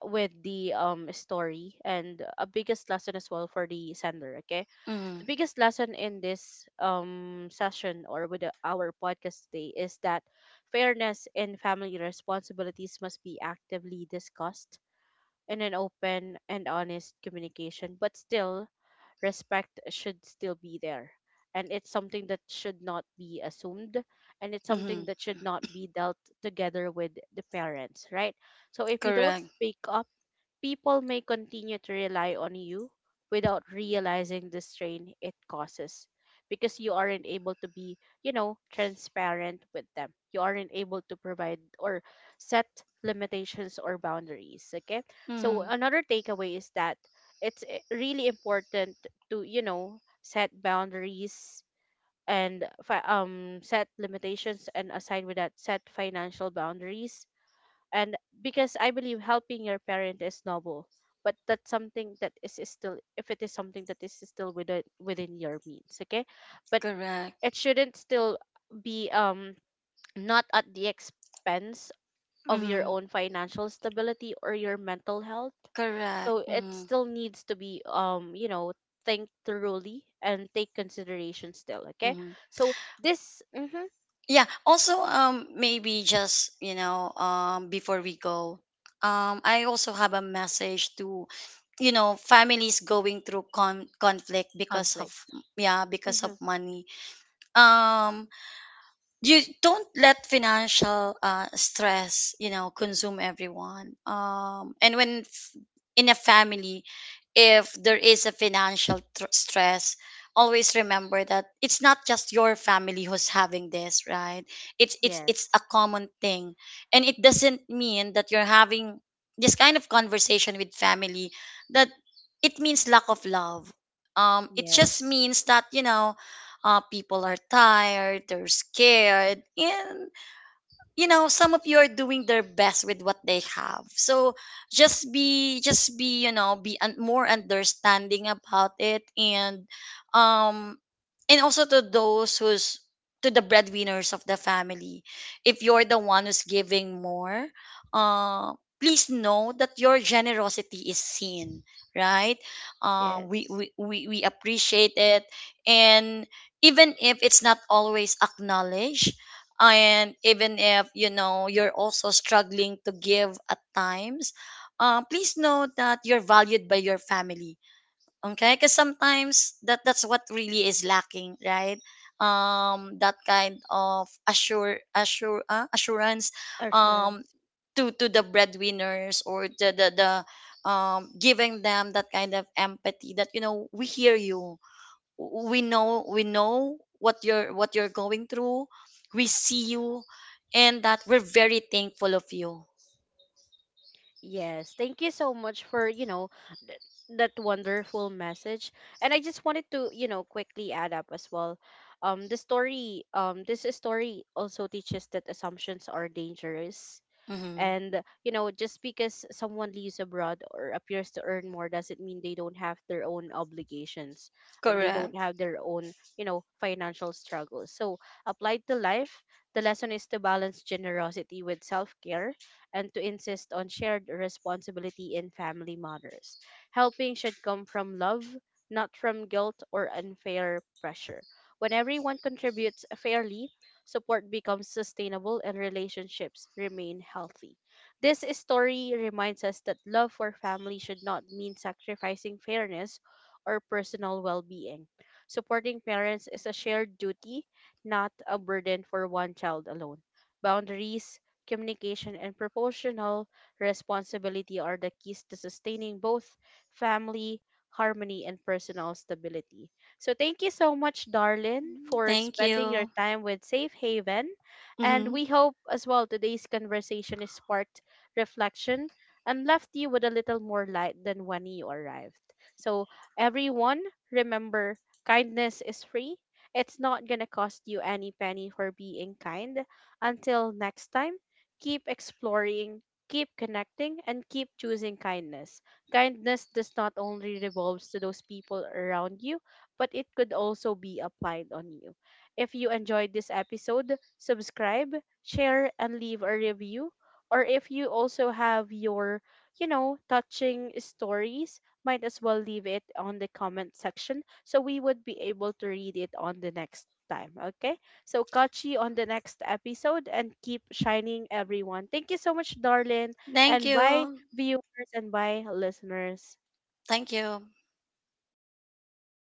with the story, and a biggest lesson as well for the sender. Okay, mm-hmm, the biggest lesson in this session or with the- our podcast today is that fairness in family responsibilities must be actively discussed in an open and honest communication, but still respect should still be there. And it's something that should not be assumed. And it's mm-hmm. something that should not be dealt together with the parents, right? So if you don't Correct. speak up, people may continue to rely on you without realizing the strain it causes, because you aren't able to be, you know, transparent with them. You aren't able to provide or set limitations or boundaries. Okay. So Mm-hmm. another takeaway is that it's really important to, you know, set boundaries and set limitations, and aside with that, set financial boundaries. And because I believe helping your parent is noble, but that's something that is still, if it is something that is still within within your means, okay? But Correct. it shouldn't still be not at the expense of your Hmm. own financial stability or your mental health. Correct. So it Hmm. still needs to be you know think thoroughly and take consideration still, okay? Hmm. So this, mhm, Yeah. Also, maybe just, before we go, I also have a message to, families going through conflict because of, conflict, yeah, because of hmm, money. Um, you don't let financial stress, consume everyone. And when, in a family, if there is a financial stress, always remember that it's not just your family who's having this, right? It's yes a common thing, and it doesn't mean that you're having this kind of conversation with family that it means lack of love. It just yes means that, people are tired, they're scared, and, you know, some of you are doing their best with what they have. So just be, more understanding about it. And um and also, to those who's, to the breadwinners of the family, if you're the one who's giving more, uh please know that your generosity is seen, right? uh, we, yes, we we we appreciate it, and even if it's not always acknowledged, and even if, you know, you're also struggling to give at times, please know that you're valued by your family. Okay, because sometimes that's what really is lacking, right? That kind of, assure assure assurance. um assurance. to the breadwinners, or the giving them that kind of empathy that, you know, we hear you. We know what you're, what you're going through. We see you, and that we're very thankful of you. Yes, thank you so much for, you know, th- that wonderful message. And I just wanted to, you know, quickly add up as well. The story, this story also teaches that assumptions are dangerous. Hmm. And, you know, just because someone lives abroad or appears to earn more doesn't mean they don't have their own obligations, and they don't Correct. have their own, you know, financial struggles. So, applied to life, the lesson is to balance generosity with self care and to insist on shared responsibility in family matters. Helping should come from love, not from guilt or unfair pressure. When everyone contributes fairly, support becomes sustainable, and relationships remain healthy. This story reminds us that love for family should not mean sacrificing fairness or personal well being. Supporting parents is a shared duty, not a burden for one child alone. Boundaries, communication, and proportional responsibility are the keys to sustaining both family harmony and personal stability. So thank you so much, Darlin, for Thank spending your you. time with Safe Haven. And Hmm. we hope as well today's conversation is sparked reflection and left you with a little more light than when you arrived. So everyone, remember, kindness is free. It's not gonna cost you any penny for being kind. Until next time, keep exploring, keep connecting, and keep choosing kindness. Kindness does not only revolves to those people around you, but it could also be applied on you. If you enjoyed this episode, subscribe, share, and leave a review. Or if you also have your, you know, touching stories, might as well leave it on the comment section so we would be able to read it on the next time. Okay? So catch you on the next episode, and keep shining, everyone. Thank you so much, darling. Thank And bye, you. viewers, and bye, listeners. Thank you.